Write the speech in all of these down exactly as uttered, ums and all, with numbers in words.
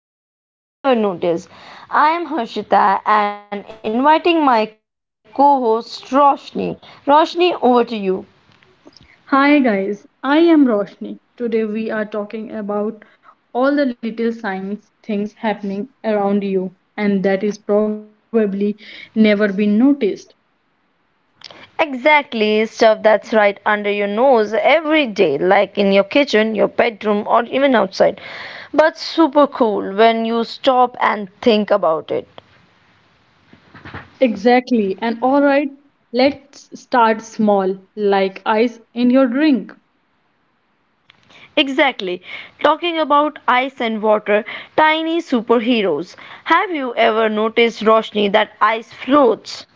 To Everyday Science You Never Notice. I am Harshita and inviting my co host Roshni. Roshni, over to you. Hi guys, I am Roshni. Today we are talking about all the little signs things happening around you and that is probably never been noticed. Exactly, stuff that's right under your nose every day, like in your kitchen, your bedroom, or even outside. But super cool when you stop and think about it. Exactly. And all right, let's start small like ice in your drink. Exactly. Talking about ice and water, tiny superheroes. Have you ever noticed, Roshni, that ice floats?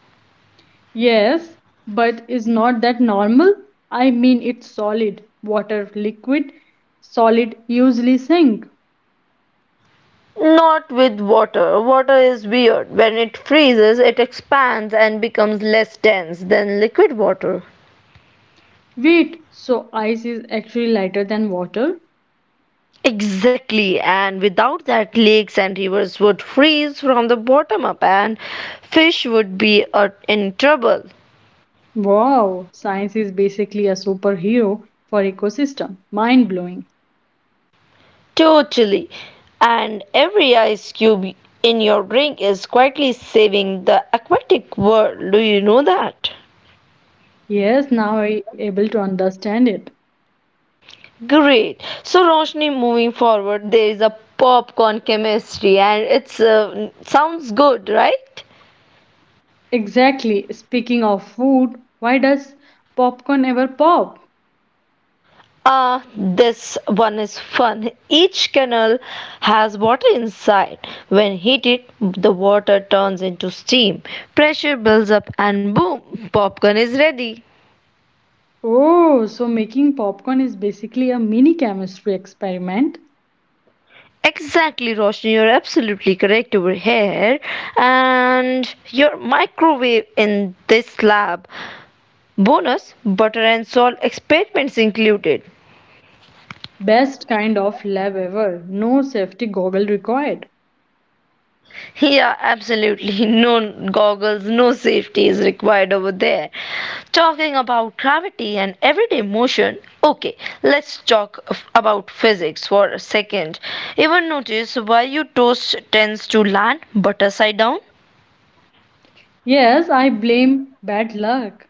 Yes, but is not that normal? I mean it's solid. Water liquid, solid usually sink. Not with water. Water is weird. When it freezes, it expands and becomes less dense than liquid water. Wait, so ice is actually lighter than water? Exactly, and without that, lakes and rivers would freeze from the bottom up, and fish would be uh, in trouble. Wow, science is basically a superhero for ecosystem. Mind blowing. Totally. And every ice cube in your drink is quietly saving the aquatic world. Do you know that? Yes, now I able to understand it. Great. So, Roshni, moving forward, there is a popcorn chemistry, and it's uh, sounds good, right? Exactly. Speaking of food, why does popcorn ever pop? Ah, this one is fun. Each kernel has water inside. When heated, the water turns into steam. Pressure builds up, and boom, popcorn is ready. Oh, so making popcorn is basically a mini chemistry experiment. Exactly, Roshni, you're absolutely correct over here. And your microwave in this lab. Bonus butter and salt experiments included. Best kind of lab ever. No safety goggle required. Yeah, absolutely. No goggles, no safety is required over there. Talking about gravity and everyday motion, okay, let's talk f- about physics for a second. Even notice why your toast tends to land butter side down? Yes, I blame bad luck.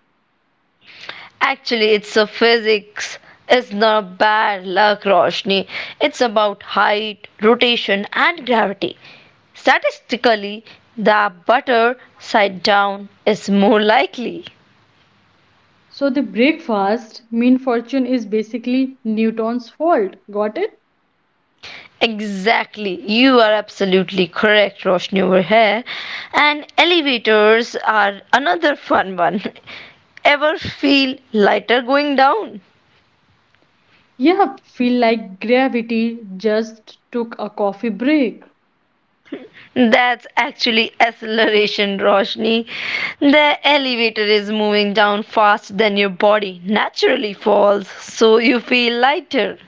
Actually, it's a physics. It's not bad luck, Roshni. It's about height, rotation, and gravity. Statistically, the butter side down is more likely. So the breakfast mean fortune is basically Newton's fault. Got it? Exactly, you are absolutely correct, Roshni, over here. And elevators are another fun one. Ever feel lighter going down? Yeah, feel like gravity just took a coffee break. That's actually acceleration, Roshni. The elevator is moving down fast than your body naturally falls, so you feel lighter.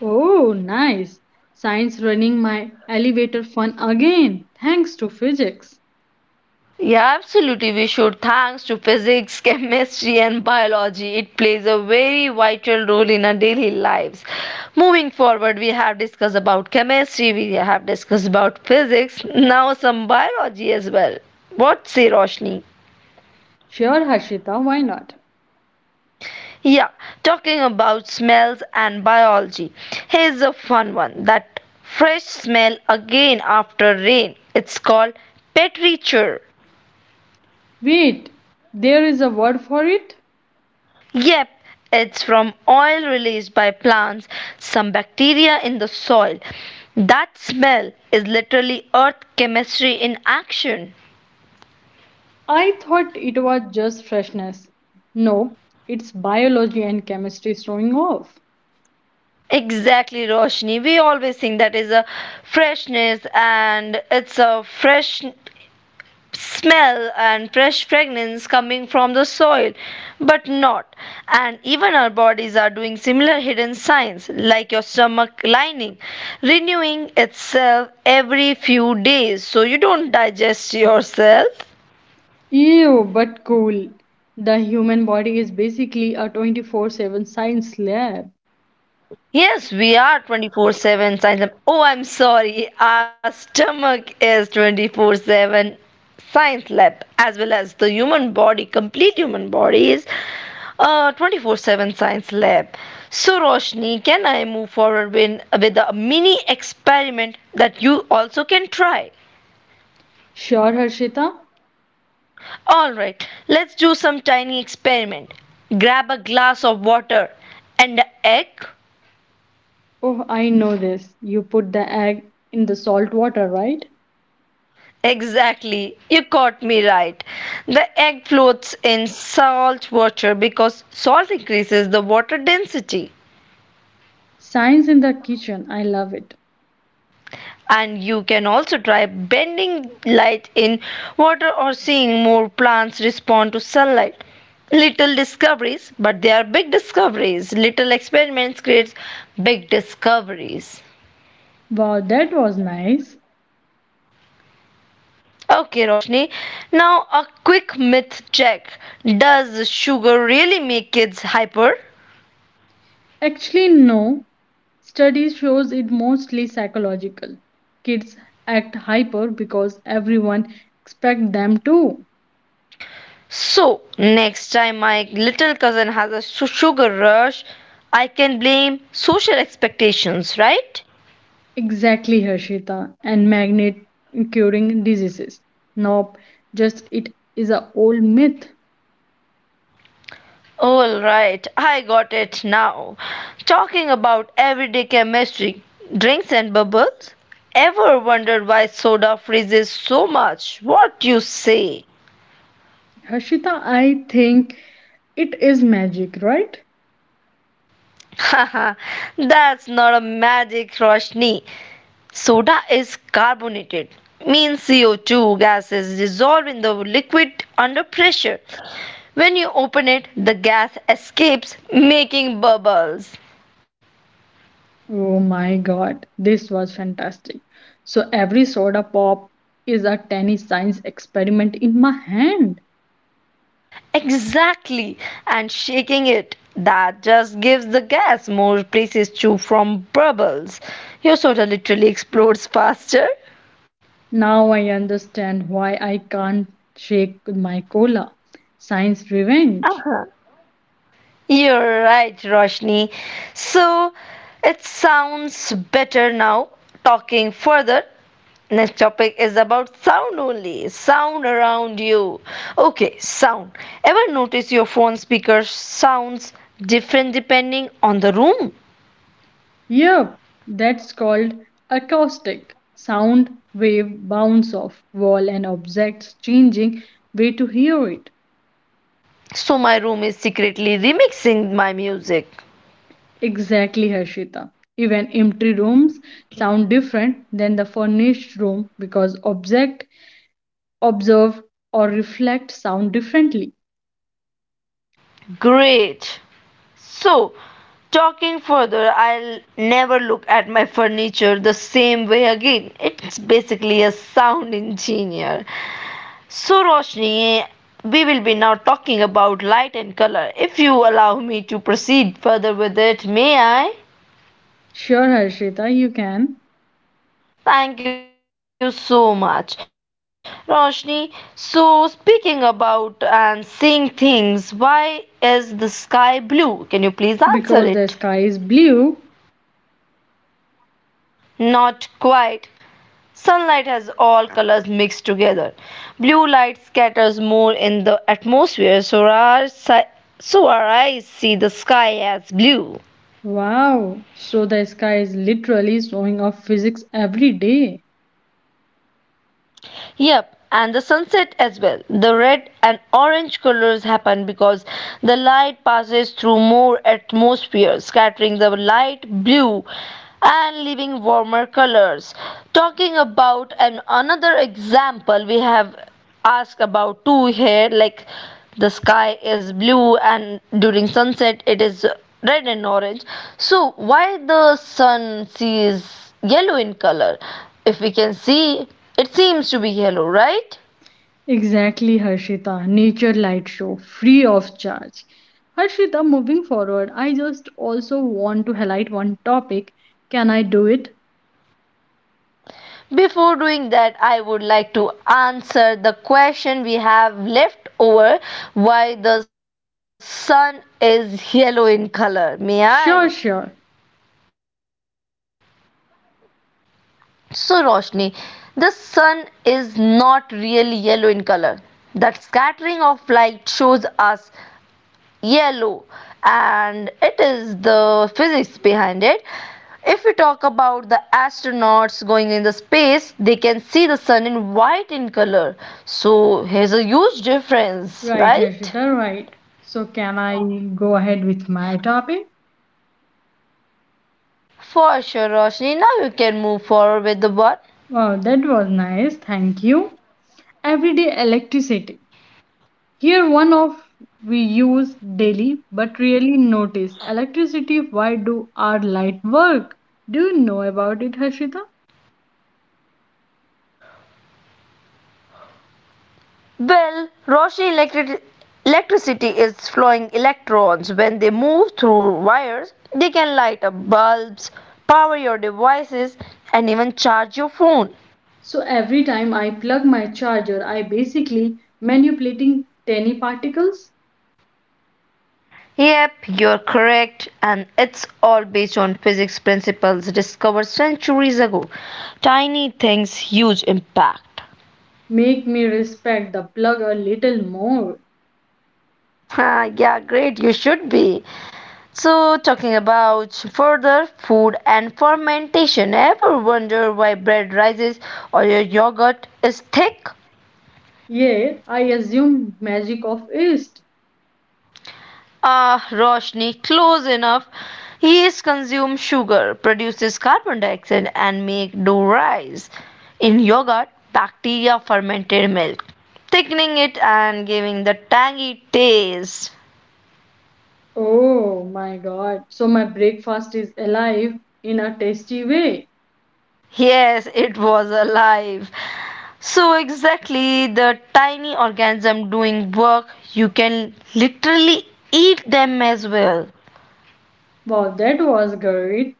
Oh, nice. Science running my elevator fun again, thanks to physics. Yeah, absolutely. We should. Thanks to physics, chemistry, and biology, it plays a very vital in our daily lives. Moving forward, we have discussed about chemistry, we have discussed about physics, now some biology as well. What say, Roshni? Sure, Harshita, why not? Yeah, talking about smells and biology. Here's a fun one, that fresh smell again after rain. It's called petrichor. Wait, there is a word for it? Yep, it's from oil released by plants, some bacteria in the soil. That smell is literally earth chemistry in action. I thought it was just freshness. No, it's biology and chemistry showing off. Exactly, Roshni. We always think that is a freshness and it's a fresh smell and fresh fragrance coming from the soil, but not. And even our bodies are doing similar hidden signs, like your stomach lining renewing itself every few days so you don't digest yourself. Ew, but cool. The human body is basically a twenty-four seven science lab. Yes, we are twenty-four seven science lab. Oh, I'm sorry. Our stomach is twenty-four seven science lab as well as the human body, complete human body is uh, twenty-four seven science lab. Roshni, can I move forward with, with a mini experiment that you also can try? Sure, Harshita. All right, let's do some tiny experiment. Grab a glass of water and an egg. Oh, I know this. You put the egg in the salt water, right? Exactly, you caught me right. The egg floats in salt water because salt increases the water density. Science in the kitchen. I love it. And you can also try bending light in water or seeing more plants respond to sunlight. Little discoveries, but they are big discoveries. Little experiments creates big discoveries. Wow, that was nice. Okay, Roshni. Now a quick myth check. Does sugar really make kids hyper? Actually, no. Studies shows it mostly psychological. Kids act hyper because everyone expect them to. So, next time my little cousin has a su- sugar rush, I can blame social expectations, right? Exactly, Harshita. And magnet curing diseases. Nope, just it is a old myth. All right, I got it now. Talking about everyday chemistry, drinks and bubbles. Ever wondered why soda freezes so much? What you say? Harshita, I think it is magic, right? Haha, that's not a magic, Roshni. Soda is carbonated, means C O two gas is dissolved in the liquid under pressure. When you open it, the gas escapes, making bubbles. Oh my god, this was fantastic. So every soda pop is a tiny science experiment in my hand. Exactly, and shaking it. That just gives the gas more places to from bubbles. Your soda literally explodes faster. Now I understand why I can't shake my cola. Science revenge. Uh-huh. You're right, Roshni. So it sounds better now. Talking further, next topic is about sound only. Sound around you. Okay, sound. Ever notice your phone speaker sounds different depending on the room? Yep, that's called acoustic. Sound wave bounce off wall and objects changing way to hear it. So my room is secretly remixing my music. Exactly, Harshita. Even empty rooms sound different than the furnished room because object observe or reflect sound differently. Great. So, talking further, I'll never look at my furniture the same way again. It's basically a sound engineer. So, Roshni, we will be now talking about light and color. If you allow me to proceed further with it, may I? Sure, Harshita, you can. Thank you so much, Roshni. So, speaking about and seeing things, why is the sky blue? Can you please answer Because the it? sky is blue. Not quite. Sunlight has all colors mixed together. Blue light scatters more in the atmosphere, so our, si- so our eyes see the sky as blue. Wow! So the sky is literally showing off physics every day. Yep, and the sunset as well. The red and orange colors happen because the light passes through more atmosphere, scattering the light blue and leaving warmer colors. Talking about an another example, we have asked about two here, like the sky is blue and during sunset it is red and orange. So why the sun sees yellow in color? If we can see, it seems to be yellow, right? Exactly, Harshita. Nature light show, free of charge. Harshita, moving forward, I just also want to highlight one topic. Can I do it? Before doing that, I would like to answer the question we have left over, why the sun is yellow in color. May I? Sure, sure. So, Roshni, the sun is not really yellow in color. That scattering of light shows us yellow, and it is the physics behind it. If we talk about the astronauts going in the space, they can see the sun in white in color. So here's a huge difference, Right, right? Harshita, right. So, can I go ahead with my topic? For sure, Roshni, now you can move forward with the one. Wow, that was nice. Thank you. Everyday electricity. Here, one of we use daily but really notice electricity. Why do our light work? Do you know about it, Harshita? Well, Roshni, electric electricity is flowing electrons. When they move through wires, they can light up bulbs, power your devices, and even charge your phone. So every time I plug my charger, I basically manipulating tiny particles. Yep, you're correct, and it's all based on physics principles discovered centuries ago. Things, huge impact. Make me respect the plug a little more. Ah, yeah, great, you should be. So, talking about further food and fermentation, ever wonder why bread rises or your yogurt is thick? Yeah, I assume magic of East. Ah, Roshni, close enough. Yeast consume sugar, produces carbon dioxide, and make dough rise. In yogurt, bacteria fermented milk, thickening it and giving the tangy taste. Oh my god. So my breakfast is alive in a tasty way. Yes, it was alive. So, exactly the tiny organism doing work, you can literally eat them as well. Wow, that was great.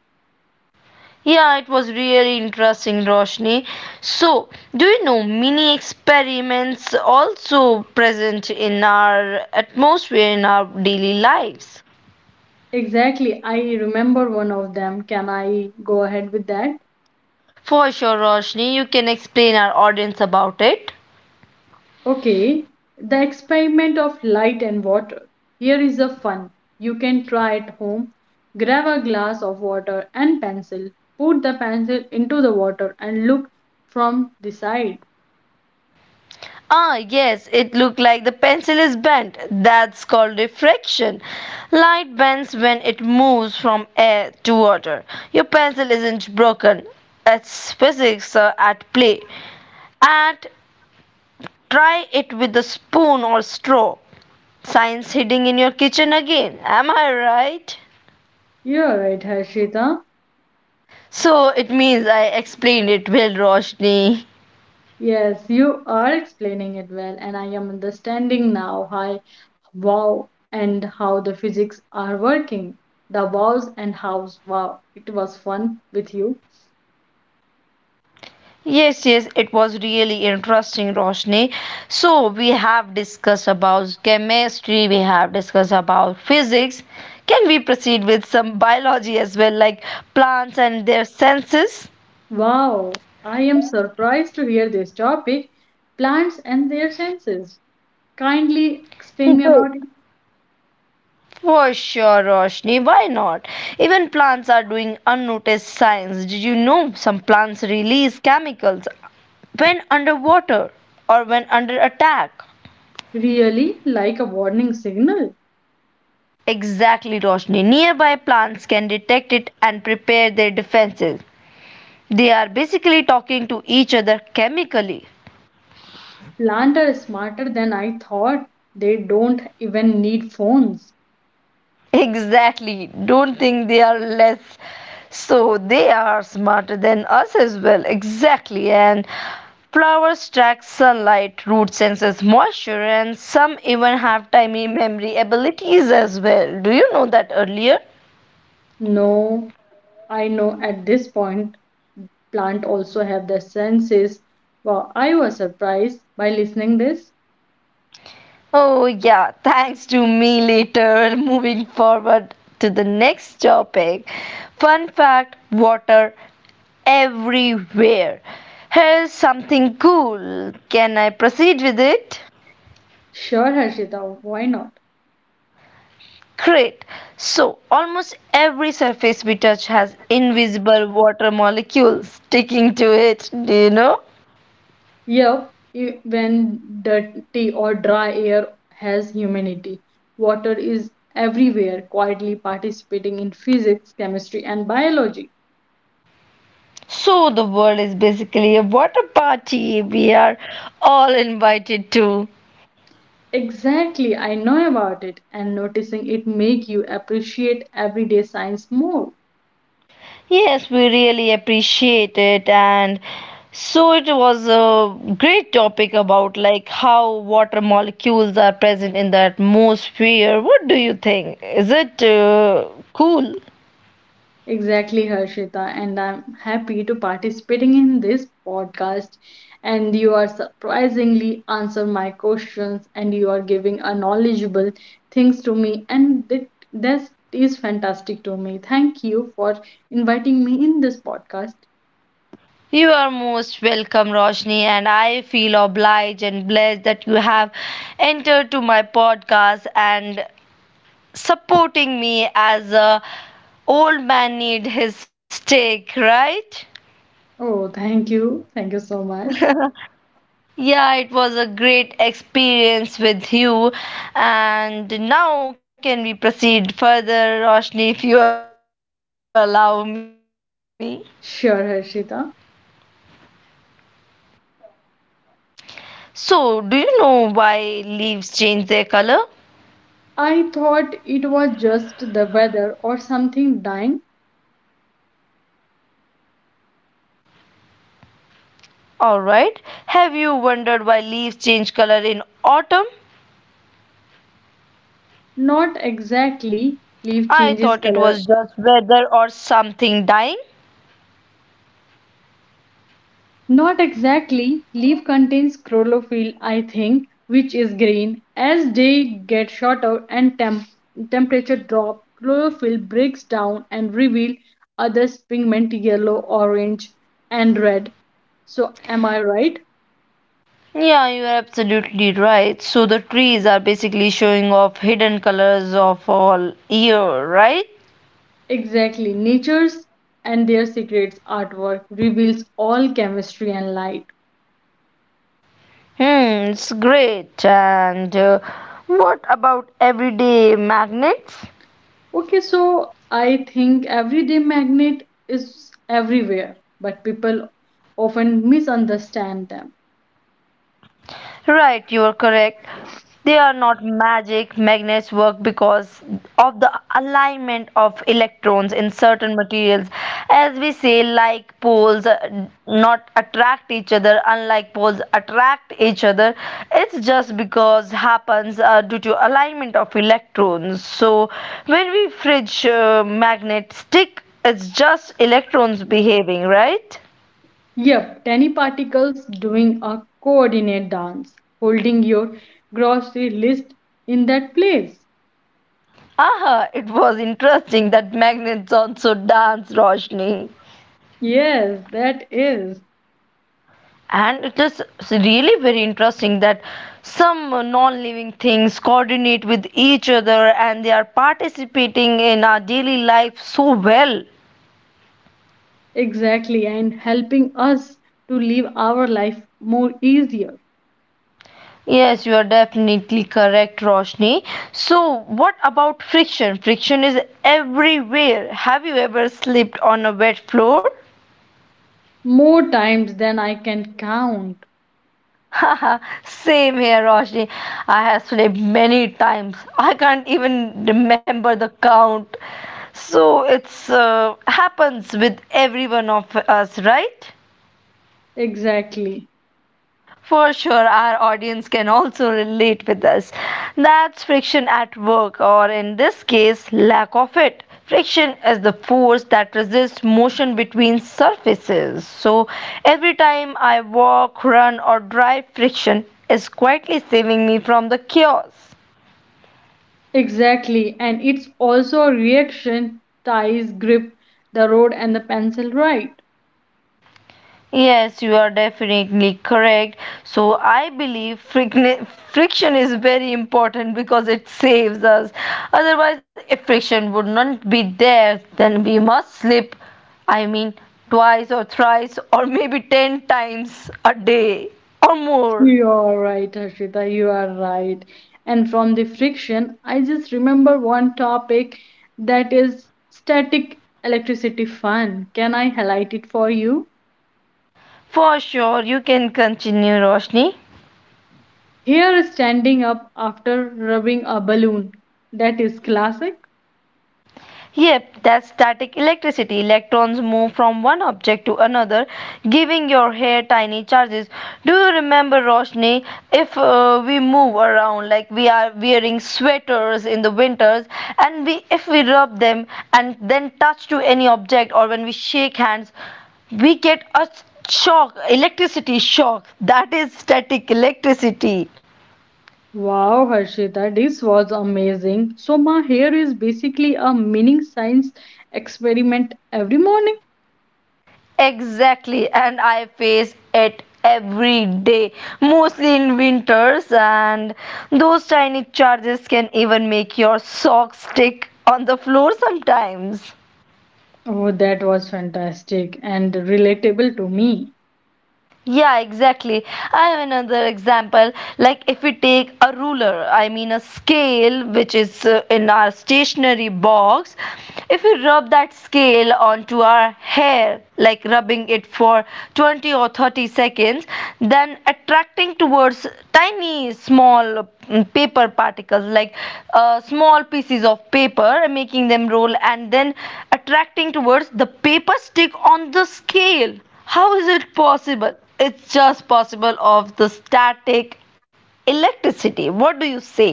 Yeah, it was really interesting, Roshni. So, do you know mini experiments also present in our atmosphere in our daily lives? Exactly. I remember one of them. Can I go ahead with that? For sure, Roshni, you can explain our audience about it. Okay. The experiment of light and water. Here is a fun. You can try at home. Grab a glass of water and pencil. Put the pencil into the water and look from the side. Ah, yes, it looked like the pencil is bent. That's called refraction. Light bends when it moves from air to water. Your pencil isn't broken. It's physics uh, at play. At, try it with a spoon or straw. Science hiding in your kitchen again. Am I right? You're right, Harshita. So it means I explained it well, Roshni. Yes, you are explaining it well, and I am understanding now how wow and how the physics are working. The wows and hows. Wow, it was fun with you. Yes, yes, it was really interesting, Roshni. So we have discussed about chemistry, we have discussed about physics. Can we proceed with some biology as well, like plants and their senses? Wow, I am surprised to hear this topic plants and their senses. Kindly explain me Good. about it. For sure, Roshni, why not? Even plants are doing unnoticed science. Did you know some plants release chemicals when underwater or when under attack? Really, like a warning signal. Exactly, Roshni. Nearby plants can detect it and prepare their defenses. They are basically talking to each other chemically. Plants are smarter than I thought. They don't even need phones. Exactly. Don't think they are less. So they are smarter than us as well. Exactly. And flowers track sunlight, root senses moisture, and some even have tiny memory abilities as well. Do you know that earlier? No, I know at this point plant also have their senses. Wow, I was surprised by listening this. Oh, yeah, thanks to me later. Moving forward to the next topic. Fun fact, water everywhere. Here's something cool. Can I proceed with it? Sure, Harshita, why not? Great. So, almost every surface we touch has invisible water molecules sticking to it, do you know? Yep, e- when dirty or dry air has humanity, water is everywhere, quietly participating in physics, chemistry, and biology. So, the world is basically a water party we are all invited to. Exactly, I know about it, and noticing it make you appreciate everyday science more. Yes, we really appreciate it, and so it was a great topic about like how water molecules are present in the atmosphere. What do you think? Is it uh, cool? Exactly, Harshita, and I'm happy to participating in this podcast. And you are surprisingly answer my questions, and you are giving a knowledgeable things to me, and that that is fantastic to me. Thank you for inviting me in this podcast. You are most welcome, Roshni, and I feel obliged and blessed that you have entered to my podcast and supporting me as a old man need his steak, right? Oh, thank you, thank you so much. Yeah, it was a great experience with you, and now can we proceed further, Roshni, if you allow me? Sure, Harshita. So, do you know why leaves change their color? I thought it was just the weather or something dying. Alright, have you wondered why leaves change color in autumn? Not exactly. Leaf I thought changes it was color. just weather or something dying. Not exactly. Leaf contains chlorophyll, I think, which is green. As day get shorter and temp- temperature drop, chlorophyll breaks down and reveal other pigment yellow, orange, and red. So am I right? Yeah, you are absolutely right. So the trees are basically showing off hidden colors of all year, right? Exactly. Nature's and their secrets artwork reveals all chemistry and light. Hmm, it's great. And uh, what about everyday magnets? Okay, so I think everyday magnet is everywhere, but people often misunderstand them. Right, you are correct. They are not magic. Magnets work because of the alignment of electrons in certain materials. As we say, like poles uh, not attract each other, unlike poles attract each other. It's just because happens uh, due to alignment of electrons. So when we fridge uh, magnet stick, it's just electrons behaving, right? Yep, tiny particles doing a coordinate dance, holding your grocery list in that place. Aha, it was interesting that magnets also dance, Roshni. Yes, that is And it is really very interesting that some non living things coordinate with each other and they are participating in our daily life so well. exactly, and helping us to live our life more easier, Yes, you are definitely correct, Roshni. So, what about friction? Friction is everywhere. Have you ever slipped on a wet floor? more times than I can count. Haha, same here, Roshni. I have slept many times. I can't even remember the count. So it's uh, happens with every one of us, right? Exactly. For sure, our audience can also relate with us. That's friction at work, or in this case, lack of it. Friction is the force that resists motion between surfaces. So, every time I walk, run, or drive, friction is quietly saving me from the chaos. Exactly, and it's also a reaction ties grip the road and the pencil right. Yes, you are definitely correct. So I believe friction friction is very important because it saves us. Otherwise, if friction would not be there, then we must slip. I mean, twice or thrice or maybe ten times a day or more. You are right, Harshita, you are right. And from the friction, I just remember one topic that is static electricity fun. Can I highlight it for you? For sure, you can continue, Roshni. Here, standing up after rubbing a balloon. That is classic. Yep, that's static electricity. Electrons move from one object to another, giving your hair tiny charges. Do you remember, Roshni, if uh, we move around, like we are wearing sweaters in the winters, and we if we rub them and then touch to any object or when we shake hands, we get a shock, electricity shock. That is static electricity. Wow, Harshita, this was amazing. So, my hair is basically a mini science experiment every morning. Exactly, and I face it every day, mostly in winters, and those tiny charges can even make your socks stick on the floor sometimes. Oh, that was fantastic and relatable to me. Yeah, exactly. I have another example. Like if we take a ruler, I mean a scale, which is uh, in our stationery box, if we rub that scale onto our hair, like rubbing it for twenty or thirty seconds, then attracting towards tiny, small mm, paper particles, like uh, small pieces of paper, making them roll and then attracting towards the paper stick on the scale, how is it possible? It's just possible of the static electricity. What do you say?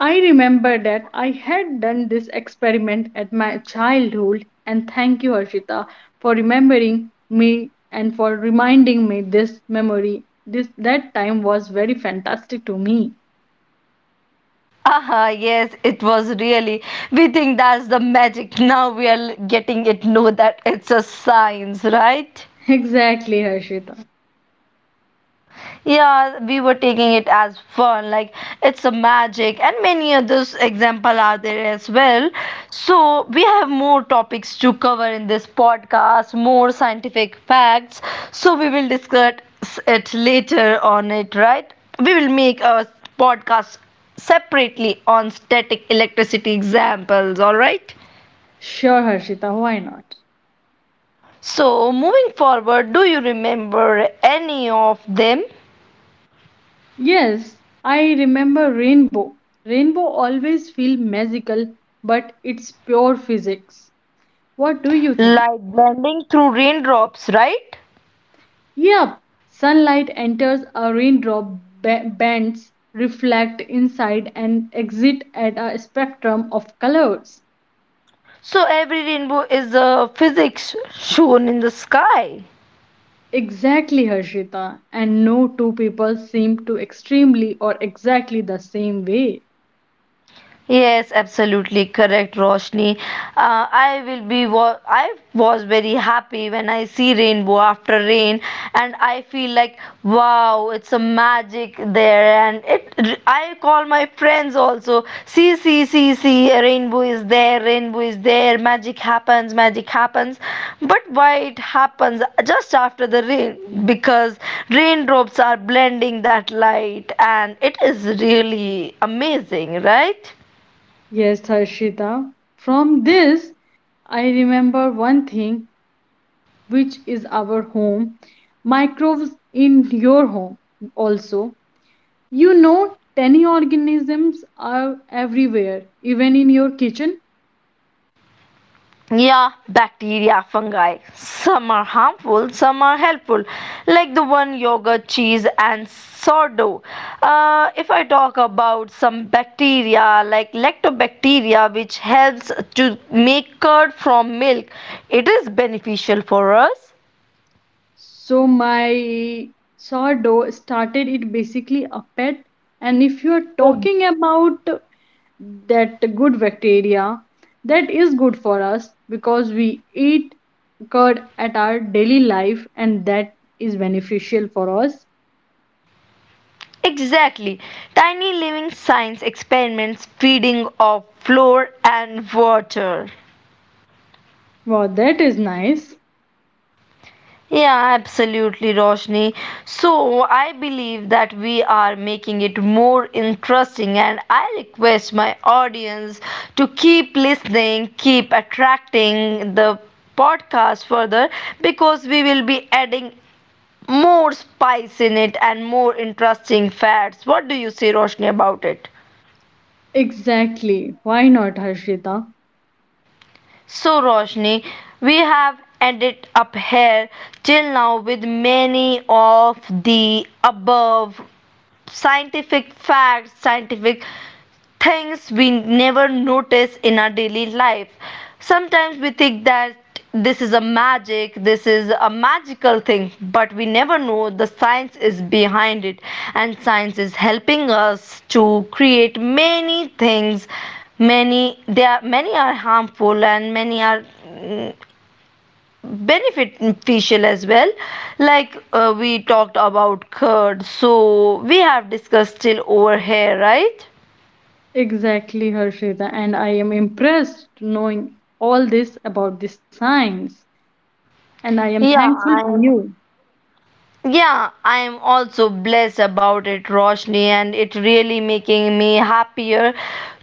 I remember that I had done this experiment at my childhood, and thank you, Harshita, for remembering me and for reminding me this memory. This that time was very fantastic to me. Ah, yes, it was really. We think that's the magic. Now are getting it. Know that it's a science, right? Exactly, Harshita. Yeah, we were taking it as fun, like it's magic, and many others example are there as well. So we have more topics to in this podcast, more scientific facts. So we will discuss it later on it, right? We will make a podcast separately on static electricity examples, all right? Sure, Harshita, why not? So moving forward, do you remember any of them? Yes, I remember rainbow. Rainbow always feel magical, but it's pure physics. What do you think? Like blending through raindrops, right? Yeah, sunlight enters a raindrop, ba- bends, reflect inside and exit at a spectrum of colors. So every rainbow is a physics shown in the sky. Exactly, Harshita. And no two people seem to extremely or exactly the same way. Yes, absolutely correct, Roshni. Uh, I will be. Wa- I was very happy when I see rainbow after rain, and I feel like wow, it's a magic there. And it, I call my friends also. See, see, see, see, a rainbow is there. Rainbow is there. Magic happens. Magic happens. But why it happens just after the rain? Because raindrops are blending that light, and it is really amazing, right? Yes, Harshita. From this, I remember one thing which is our home, microbes in your home also. You know, tiny organisms are everywhere, even in your kitchen. Yeah, bacteria, fungi. Some are harmful, some are helpful, like the one yogurt, cheese, and sourdough. Uh, if I talk about some bacteria, like lactobacteria, which helps to make curd from milk, it is beneficial for us. So, my sourdough started it basically a pet. And if you are Ex- talking about that good bacteria, that is good for us because we eat curd at our daily life and that is beneficial for us. Exactly. Tiny living science experiments feeding of flour and water. Wow, that is nice. Yeah, absolutely, Roshni. So, I believe that we are making it more interesting, and I request my audience to keep listening, keep attracting the podcast further because we will be adding more spice in it and more interesting facts. What do you say, Roshni, about it? Exactly. Why not, Harshita? So, Roshni, we have ended up here till now with many of the above scientific facts, scientific things we never notice in our daily life. Sometimes we think that this is a magic, this is a magical thing, but we never know the science is behind it, and science is helping us to create many things. Many they are many are harmful and many are mm, beneficial as well, like uh, we talked about curd. So we have discussed till over here, right? Exactly, Harshita. And I am impressed knowing all this about the science. And I am Yeah, thankful to I am you. yeah, I am also blessed about it, Roshni, and it really making me happier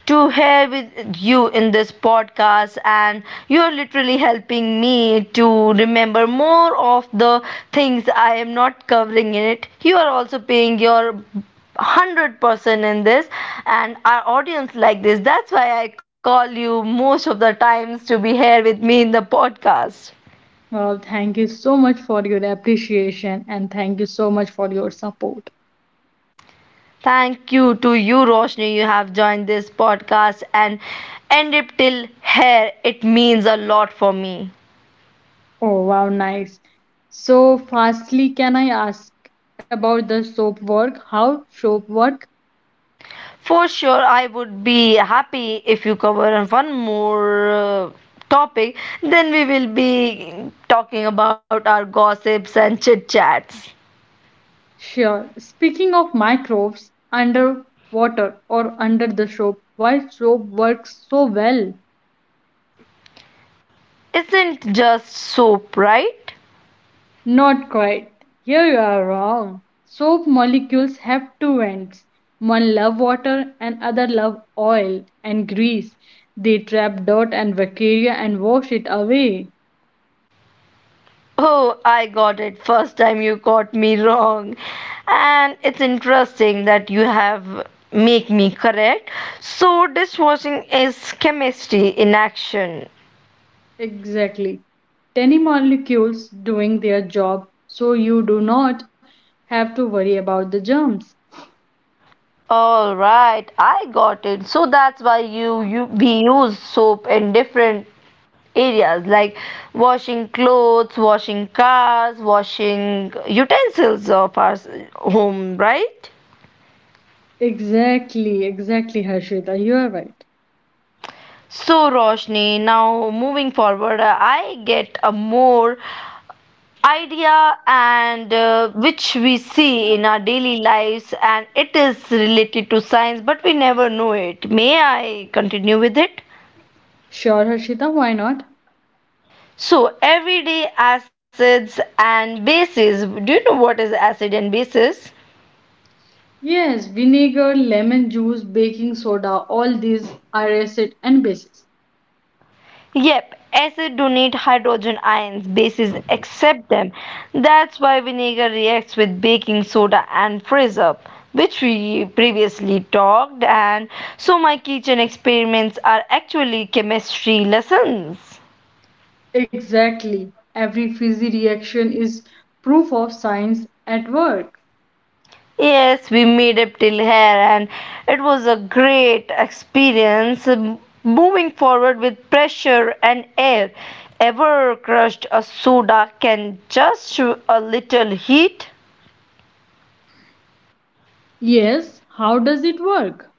to hear with you in this podcast and you are literally helping me to remember more of the things I am not covering in it. You are also paying your one hundred percent in this and our audience like this. That's why I call you most of the times to be here with me in the podcast. Well, thank you so much for your appreciation and thank you so much for your support. Thank you to you, Roshni. You have joined this podcast and end it till here. It means a lot for me. Oh, wow, nice. So, firstly, can I ask about the soap work? How soap work? For sure, I would be happy if you cover one more uh, topic. Then we will be talking about our gossips and chit chats. Sure. Speaking of microbes underwater or under the soap, why soap works so well? Isn't just soap, right? Not quite. Here you are wrong. Soap molecules have two ends. One love water and other love oil and grease. They trap dirt and bacteria and wash it away. Oh, I got it. First time you caught me wrong. And it's interesting that you have make me correct. So dishwashing is chemistry in action. Exactly. Tiny molecules doing their job so you do not have to worry about the germs. All right, I got it. So that's why you, you we use soap in different areas like washing clothes, washing cars, washing utensils of our s- home, right? Exactly, exactly, Harshita. You are right. So, Roshni, now moving forward, uh, I get a more idea and uh, which we see in our daily lives, and it is related to science, but we never know it. May I continue with it? Sure, Harshita, why not? So, everyday acids and bases. Do you know what is acid and bases? Yes, vinegar, lemon juice, baking soda, all these are acid and bases. Yep, acid donate hydrogen ions, bases accept them. That's why vinegar reacts with baking soda and freeze up, which we previously talked and so my kitchen experiments are actually chemistry lessons. Exactly. Every fizzy reaction is proof of science at work. Yes, we made up till here and it was a great experience, um, moving forward with pressure and air. Ever crushed a soda can just a little heat? Yes, how does it work?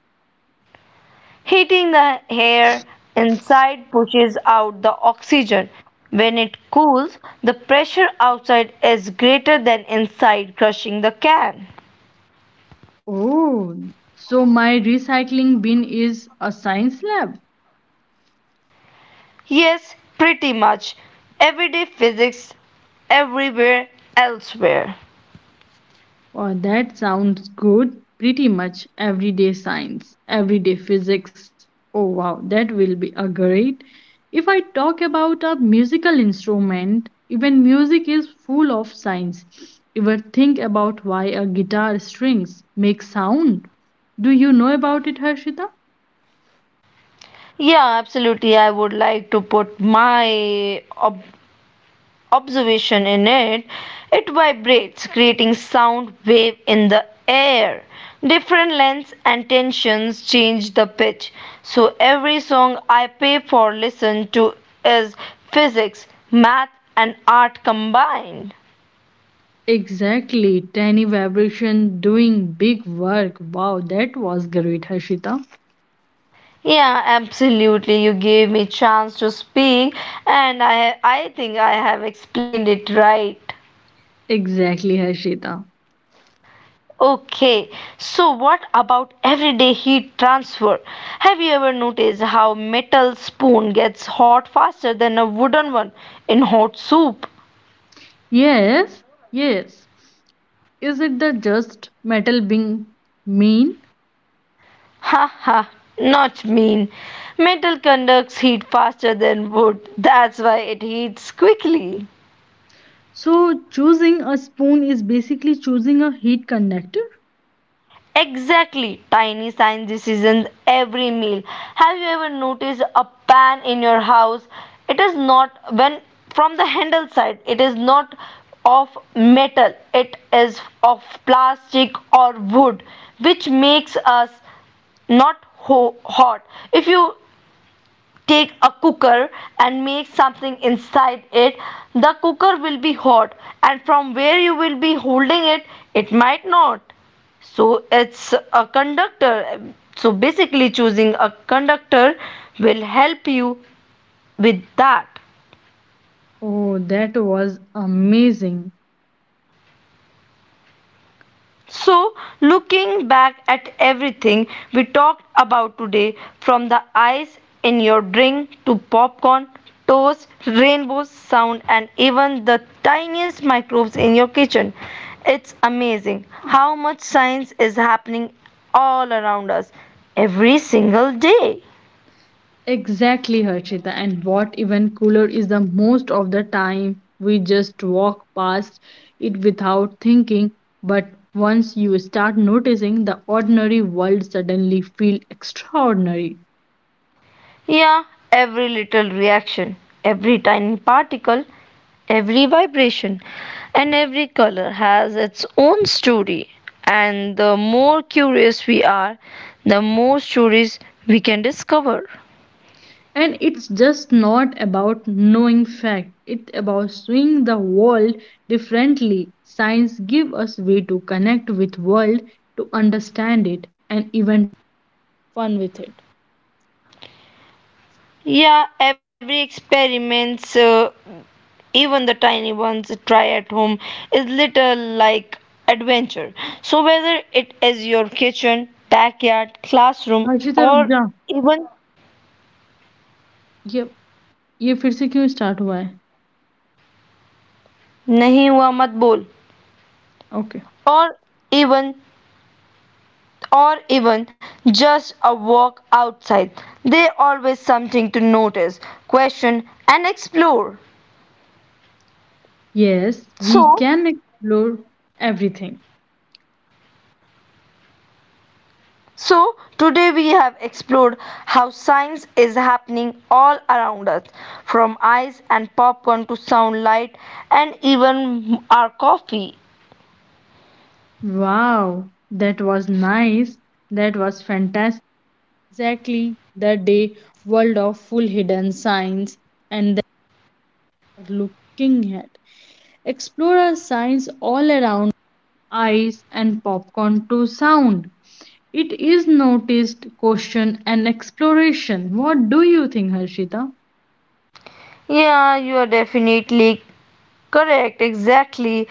Heating the air inside pushes out the oxygen. When it cools, the pressure outside is greater than inside, crushing the can. Oh, so my recycling bin is a science lab. Yes, pretty much. Everyday physics everywhere elsewhere. Wow, that sounds good. Pretty much everyday science, everyday physics. Oh wow, that will be a great. If I talk about a musical instrument, even music is full of science. Ever think about why a guitar strings make sound? Do you know about it, Harshita? Yeah, absolutely. I would like to put my ob- observation in it, it vibrates, creating sound wave in the air. Different lengths and tensions change the pitch. So every song I pay for listen to is physics, math and art combined. Exactly, tiny vibration doing big work. Wow, that was great, Harshita. Yeah, absolutely. You gave me chance to speak and I I think I have explained it right. Exactly, Harshita. Okay, so what about everyday heat transfer? Have you ever noticed how metal spoon gets hot faster than a wooden one in hot soup? Yes, yes. Is it the just metal being mean? Haha, not mean. Metal conducts heat faster than wood. That's why it heats quickly. So choosing a spoon is basically choosing a heat conductor. Exactly. Tiny sign decisions every meal. Have you ever noticed a pan in your house? It is not when from the handle side, it is not of metal, it is of plastic or wood, which makes us not ho- hot. If you take a cooker and make something inside it, the cooker will be hot, and from where you will be holding it, it might not. So it's a conductor. So basically choosing a conductor will help you with that. Oh, that was amazing. So, looking back at everything we talked about today, from the ice in your drink to popcorn, toast, rainbows, sound, and even the tiniest microbes in your kitchen, it's amazing how much science is happening all around us every single day. Exactly, Harshita. And what even cooler is the most of the time we just walk past it without thinking. But once you start noticing, the ordinary world suddenly feel extraordinary. Yeah, every little reaction, every tiny particle, every vibration, and every color has its own story. And the more curious we are, the more stories we can discover. And it's just not about knowing fact, it's about seeing the world differently. Science give us way to connect with world to understand it and Yeah, every experiment, uh, even the tiny ones try at home, is little like adventure. So whether it is your kitchen, backyard, classroom, Harshita रुक जा. or even ये ये फिर से क्यों start हुआ है? नहीं हुआ मत बोल okay. or even or even just a walk outside, there always something to notice, question and explore. Yes we So can explore everything. so today we have explored how science is happening all around us, from ice and popcorn to sound light and even our coffee. Wow, that was nice. That was. It is noticed, question, and exploration. What do you think, Harshita? Yeah, you are definitely correct, exactly.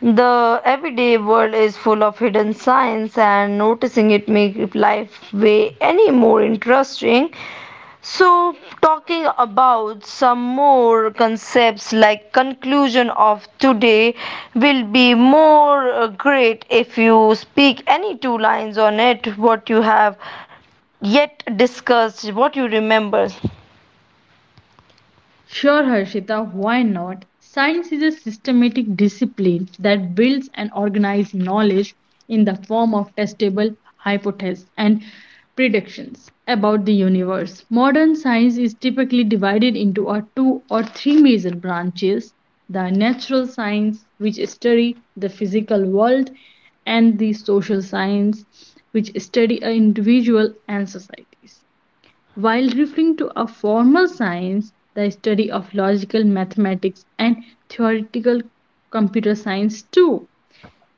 The everyday world is full of hidden signs, and noticing it makes life way any more interesting. So, talking about some more concepts like conclusion of today will be more uh, great if you speak any two lines on it, what you have yet discussed, what you remember. Sure, Harshita, why not? Science is a systematic discipline that builds and organizes knowledge in the form of testable hypotheses and predictions about the universe. Modern science is typically divided into a two or three major branches, the natural science, which study the physical world, and the social science, which study a individual and societies. While referring to a formal science, the study of logical mathematics and theoretical computer science too.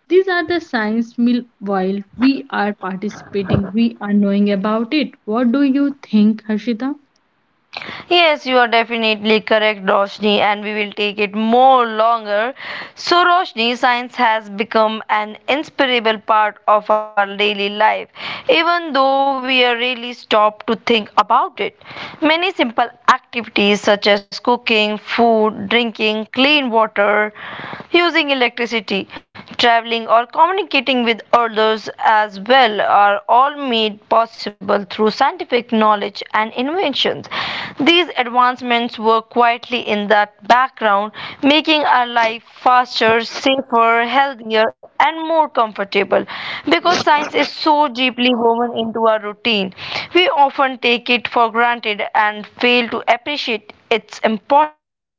These are the science meal while we are participating, we are knowing about it. What do you think, Harshita? Yes, you are definitely correct, Roshni, and we will take it more longer. So, Roshni, science has become an inseparable part of our daily life, even though we are really stopped to think about it. Many simple activities such as cooking, food, drinking, clean water, using electricity, traveling, or communicating with others shows as well are all made possible through scientific knowledge and inventions. These advancements were quietly in the background, making our life faster, safer, healthier, and more comfortable. Because science is so deeply woven into our routine, we often take it for granted and fail to appreciate its importance.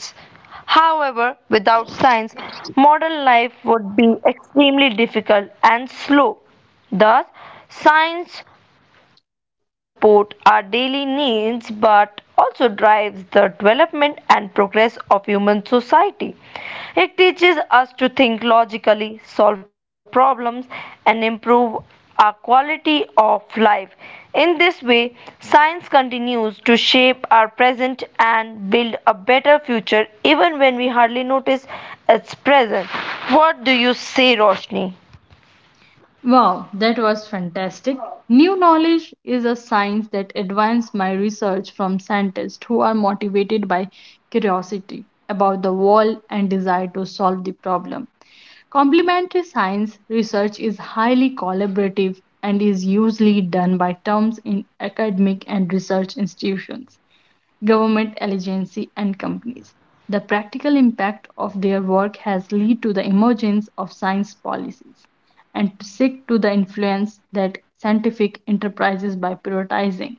However, without science, modern life would be extremely difficult and slow. Thus, science not only supports our daily needs but also drives the development and progress of human society. It teaches us to think logically, solve problems, and improve our quality of life. In this way, science continues to shape our present and build a better future even when we hardly notice its presence. What do you say, Roshni? Wow, that was fantastic. New knowledge is a science that advances my research from scientists who are motivated by curiosity about the world and desire to solve the problem. Complementary science research is highly collaborative and is usually done by terms in academic and research institutions, government agencies, and companies. The practical impact of their work has led to the emergence of science policies and to seek to the influence that scientific enterprises by prioritizing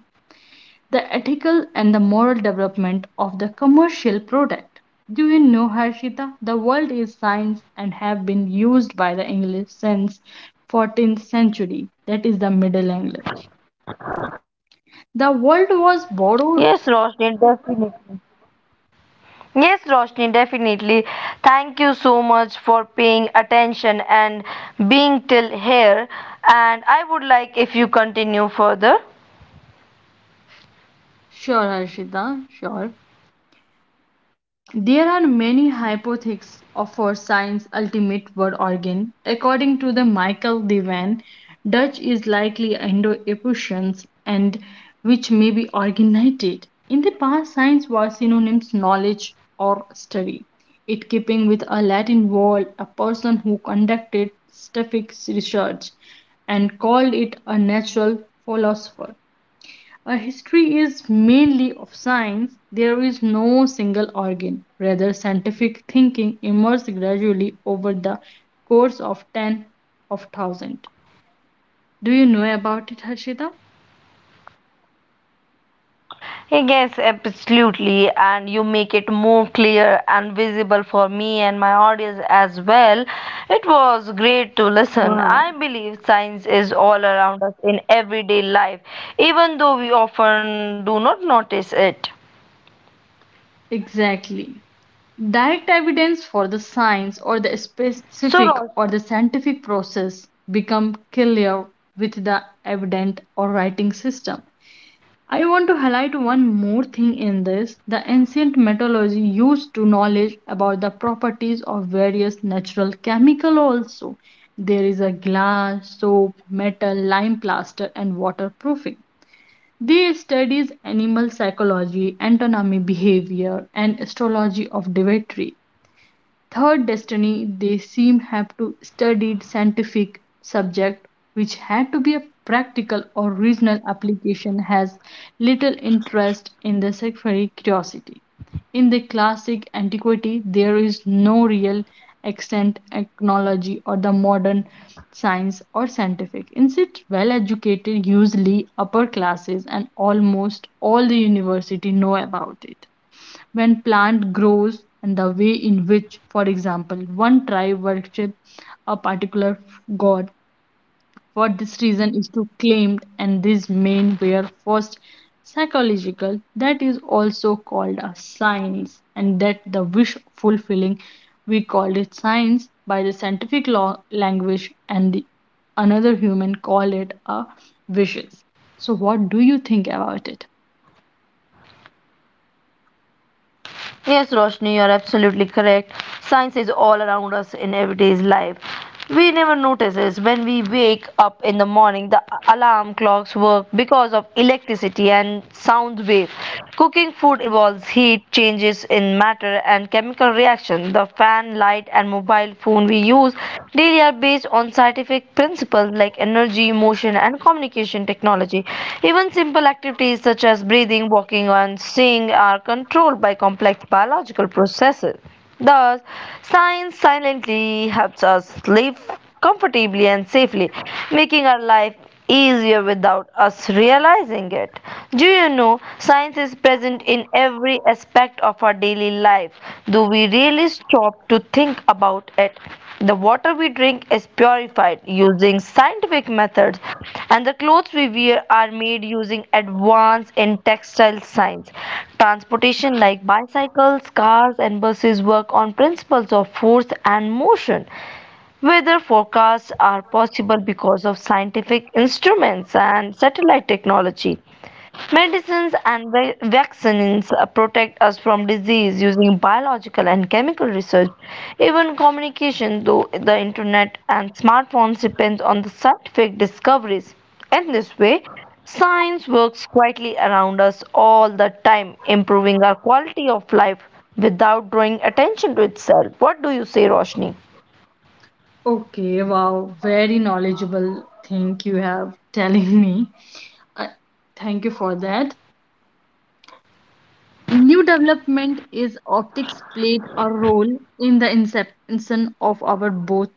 the ethical and the moral development of the commercial product. Do you know, Harshita, the word is science and have been used by the English since fourteenth century, that is the Middle English. The word was borrowed. Yes, Roshni, definitely. Yes, Roshni, definitely. Thank you so much for paying attention and being till here. And I would like if you continue further. Sure, Harshita, sure. There are many hypotheses for science's ultimate word organ. According to the Michael Devan, Dutch is likely Indo-European and which may be originated. In the past, science was synonyms knowledge or study. It keeping with a Latin word, a person who conducted scientific research and called it a natural philosopher. A history is mainly of science. There is no single organ. Rather, scientific thinking emerged gradually over the course of ten of one thousand. Do you know about it, Harshita? Yes, absolutely. And you make it more clear and visible for me and my audience as well. It was great to listen. Wow. I believe science is all around us in everyday life, even though we often do not notice it. Exactly. Direct evidence for the science or the So, Roshni. specific or the scientific process become clear with the evident or writing system. I want to highlight one more thing in this. The ancient metallurgy used to knowledge about the properties of various natural chemical also. There is a glass, soap, metal, lime plaster and waterproofing. They studies animal psychology, anatomy behavior and astrology of dietary third destiny. They seem have to studied scientific subject which had to be a practical or regional application has little interest in the secondary curiosity in the classic antiquity. There is no real extent technology or the modern science or scientific instead well educated usually upper classes and almost all the university know about it when plant grows and the way in which, for example, one tribe worship a particular god. For this reason is to claimed and these main were first psychological that is also called a science and that the wish fulfilling we called it science by the scientific law language and the, another human call it a wishes. So what do you think about it? Yes, Roshni, you're absolutely correct. Science is all around us in everyday's life. We never notices when we wake up in the morning, the alarm clocks work because of electricity and sound wave. Cooking food involves heat, changes in matter and chemical reaction. The fan we use daily are based on scientific principles like energy, motion and communication technology. Even simple activities such as breathing, walking and seeing are controlled by complex biological processes. Thus, science silently helps us live comfortably and safely, making our life easier without us realizing it. Do you know science is present in every aspect of our daily life? Do we really stop to think about it? The water we drink is purified using scientific methods, and the clothes we wear are made using advances in textile science. Transportation like bicycles, cars, and buses work on principles of force and motion. Weather forecasts are possible because of scientific instruments and satellite technology. Medicines and va- vaccines protect us from disease using biological and chemical research. Even communication, though the internet and smartphones, depends on the scientific discoveries. In this way, science works quietly around us all the time, improving our quality of life without drawing attention to itself. What do you say, Roshni? Okay, wow, very knowledgeable thing you have telling me. Uh, thank you for that. New development is optics played a role in the inception of our both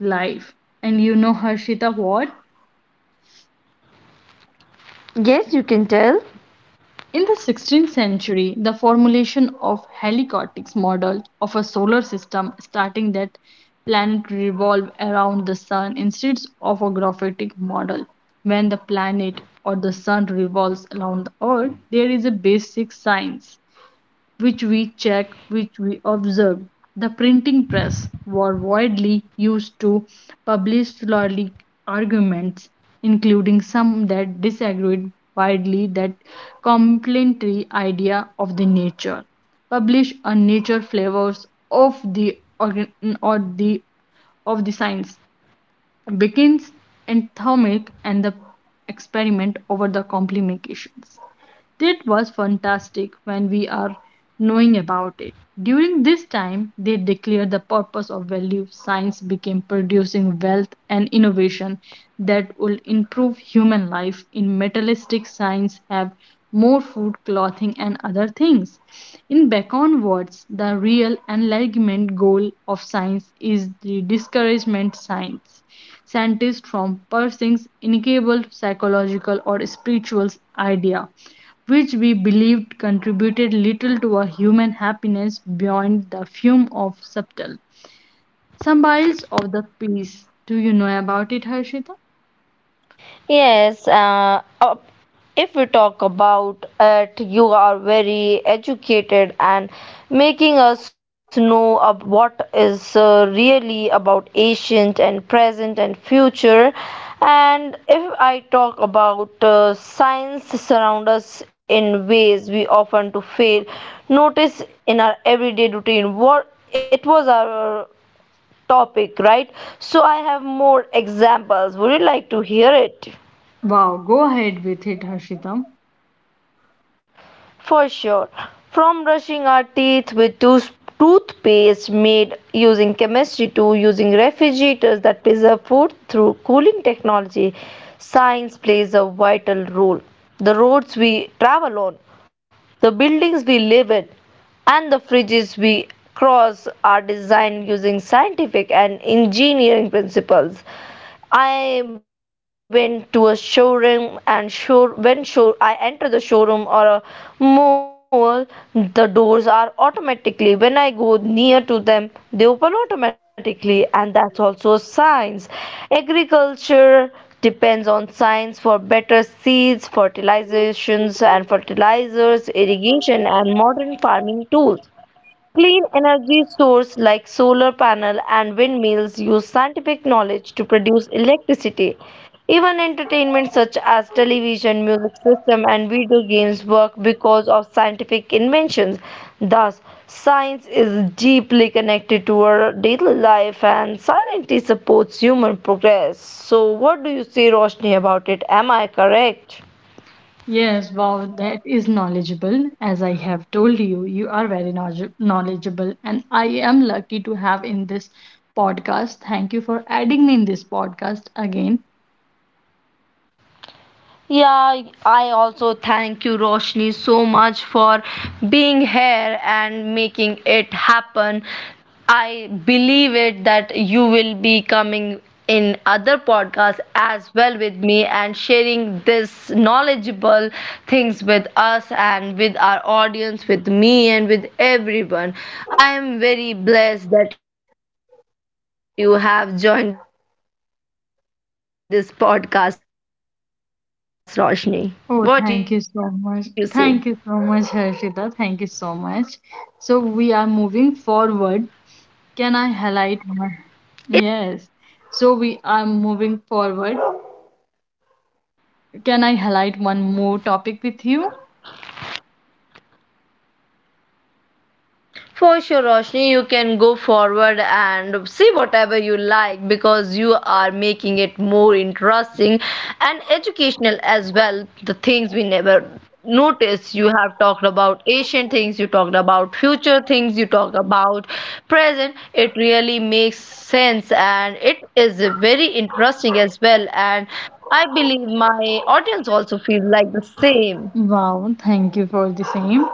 life. And you know, Harshita, what? Yes, you can tell. In the sixteenth century, the formulation of Helicoid's model of a solar system starting that planet revolve around the sun instead of a graphitic model. When the planet or the sun revolves around the earth, there is a basic science which we checked, which we observed. The printing press were widely used to publish scholarly arguments, including some that disagreed widely that complementary idea of the nature. Publish a nature flavors of the organ or the of the science begins anthemic and the experiment over the complications. It was fantastic when we are knowing about it. During this time, they declared the purpose of value science became producing wealth and innovation that will improve human life. In materialistic science, have more food, clothing, and other things. In Bacon words, the real enlightenment goal of science is the discouragement science scientists from pursuing incapable psychological or spiritual idea which we believed contributed little to our human happiness beyond the fume of subtle symbols of the peace. Do you know about it, Harshita? Yes, uh, uh, if we talk about it, you are very educated and making us know of what is uh, really about ancient and present and future. And if I talk about uh, science surround us in ways we often to fail, notice in our everyday routine, what it was our topic, right? So I have more examples. Would you like to hear it? Wow, go ahead with it, Harshita. For sure. From brushing our teeth with tooth- toothpaste made using chemistry to using refrigerators that preserve food through cooling technology, science plays a vital role. The roads we travel on, the buildings we live in, and the fridges we cross are designed using scientific and engineering principles. I went to a showroom and show when show I enter the showroom or a mall, the doors are automatically when I go near to them, they open automatically, and that's also science. Agriculture depends on science for better seeds, fertilizations and fertilizers, irrigation and modern farming tools. Clean energy sources like solar panel and windmills use scientific knowledge to produce electricity. Even entertainment such as television, music system and video games work because of scientific inventions. Thus, science is deeply connected to our daily life and silently supports human progress. So what do you say, Roshni, about it? Am I correct? Yes, wow, that is knowledgeable. As I have told you, you are very knowledge- knowledgeable, and I am lucky to have in this podcast. Thank you for adding me in this podcast again. Yeah, I also thank you, Roshni, so much for being here and making it happen. I believe it that you will be coming in other podcasts as well with me and sharing this knowledgeable things with us and with our audience, with me and with everyone. I am very blessed that you have joined this podcast, Roshni. What you say? Oh, thank you so Isn't much. it Thank you so interesting? much, Harshita. Thank you so much. So we are moving forward. Can I highlight one? Yes. So we are moving forward. Can I highlight one more topic with you? For sure, Roshni, you can go forward and see whatever you like because you are making it more interesting and educational as well. The things we never notice, you have talked about ancient things, you talked about future things, you talked about present. It really makes sense and it is very interesting as well, and I believe my audience also feels like the same. Wow, thank you for the same.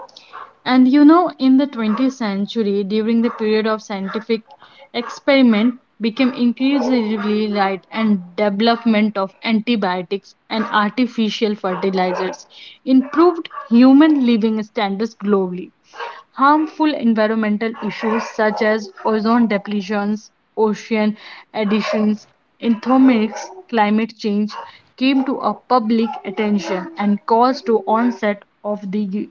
And you know, in the twentieth century, during the period of scientific experiment, became increasingly light and development of antibiotics and artificial fertilizers improved human living standards globally. Harmful environmental issues such as ozone depletions, ocean additions, anthemics, climate change came to a public attention and caused to onset of the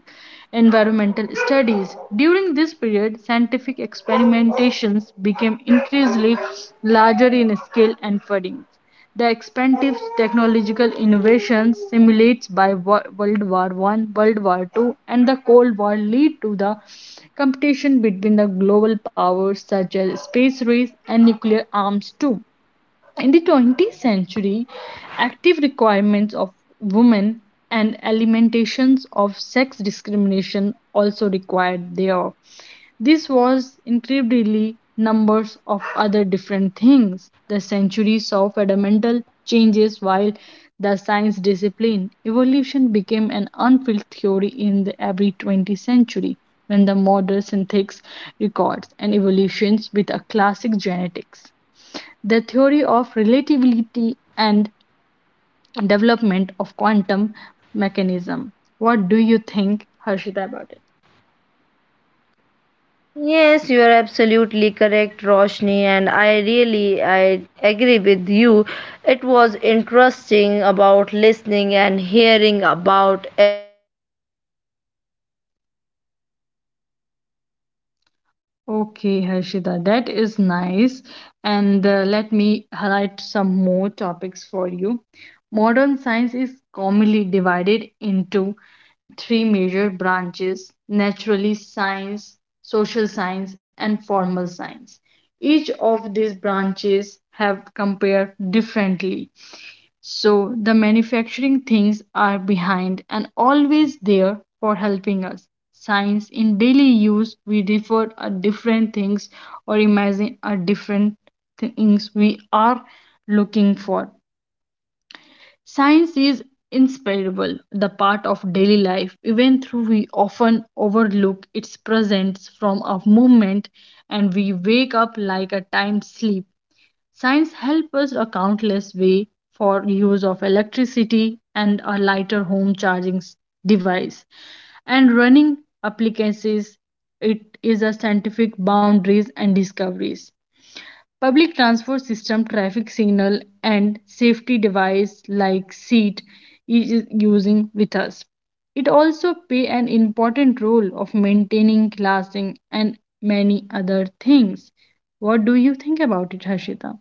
environmental studies. During this period, scientific experimentations became increasingly larger in scale and funding. The expensive technological innovations simulates by wo- World War One, World War Two, and the Cold War lead to the competition between the global powers such as space race and nuclear arms too. In the twentieth century, active requirements of women and eliminations of sex discrimination also required there. This was incredibly numbers of other different things. The century saw fundamental changes while the science discipline evolution became an unfilled theory in the every twentieth century when the modern synthetics records and evolutions with a classic genetics. The theory of relativity and development of quantum mechanism. What do you think, Harshita, about it? Yes, you are absolutely correct, Roshni, and I really I agree with you. It was interesting. Okay, Harshita, that is nice. And uh, let me highlight some more topics for you. Modern science is commonly divided into three major branches naturally science, social science, and formal science. Each of these branches have compared differently so the manufacturing things are behind and always there for helping us. Science in daily use, we refer a different things or imagine a different things we are looking for. Science is inseparable, the part of daily life, even though we often overlook its presence from a moment and we wake up like a time sleep. Science helps us a countless way for use of electricity and a lighter home charging s- device and running applications. It is a scientific boundaries and discoveries public transport system traffic signal and safety device like seat is using with us. It also play an important role of maintaining classing and many other things. What do you think about it, Harshita?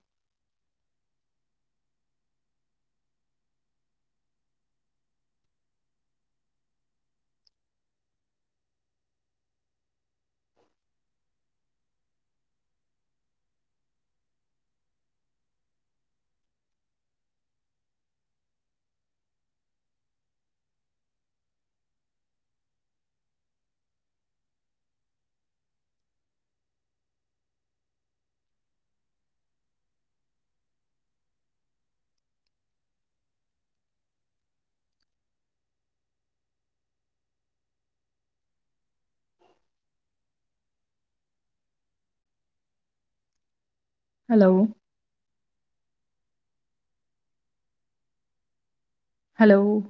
Hello. Hello.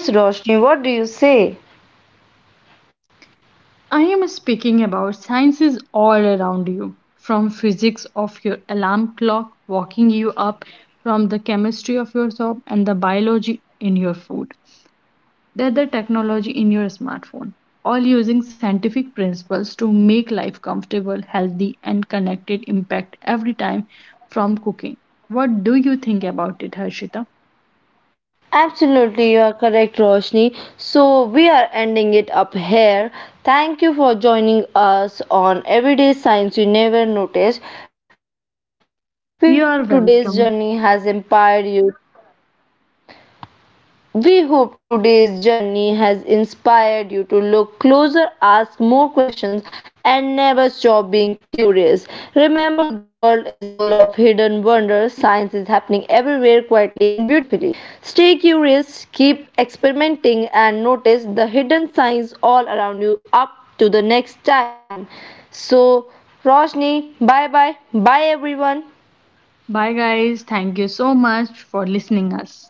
Yes, Roshni, what do you say? I am speaking about sciences all around you, from physics of your alarm clock walking you up, from the chemistry of your soap and the biology in your food, that the technology in your smartphone, all using scientific principles to make life comfortable, healthy, and connected impact every time from cooking. What do you think about it, Harshita? Absolutely, you are correct, Roshni. So, we are ending it up here. Thank you for joining us on Everyday Science You Never Noticed. We hope today's journey has You are inspired welcome. you. We hope today's journey has inspired you to look closer, ask more questions, and never stop being curious. Remember, the world is full of hidden wonders. Science is happening everywhere quietly and beautifully. Stay curious, keep experimenting, and notice the hidden signs all around you. Up to the next time. So, Roshni, bye bye. Bye, everyone. Bye guys, thank you so much for listening us.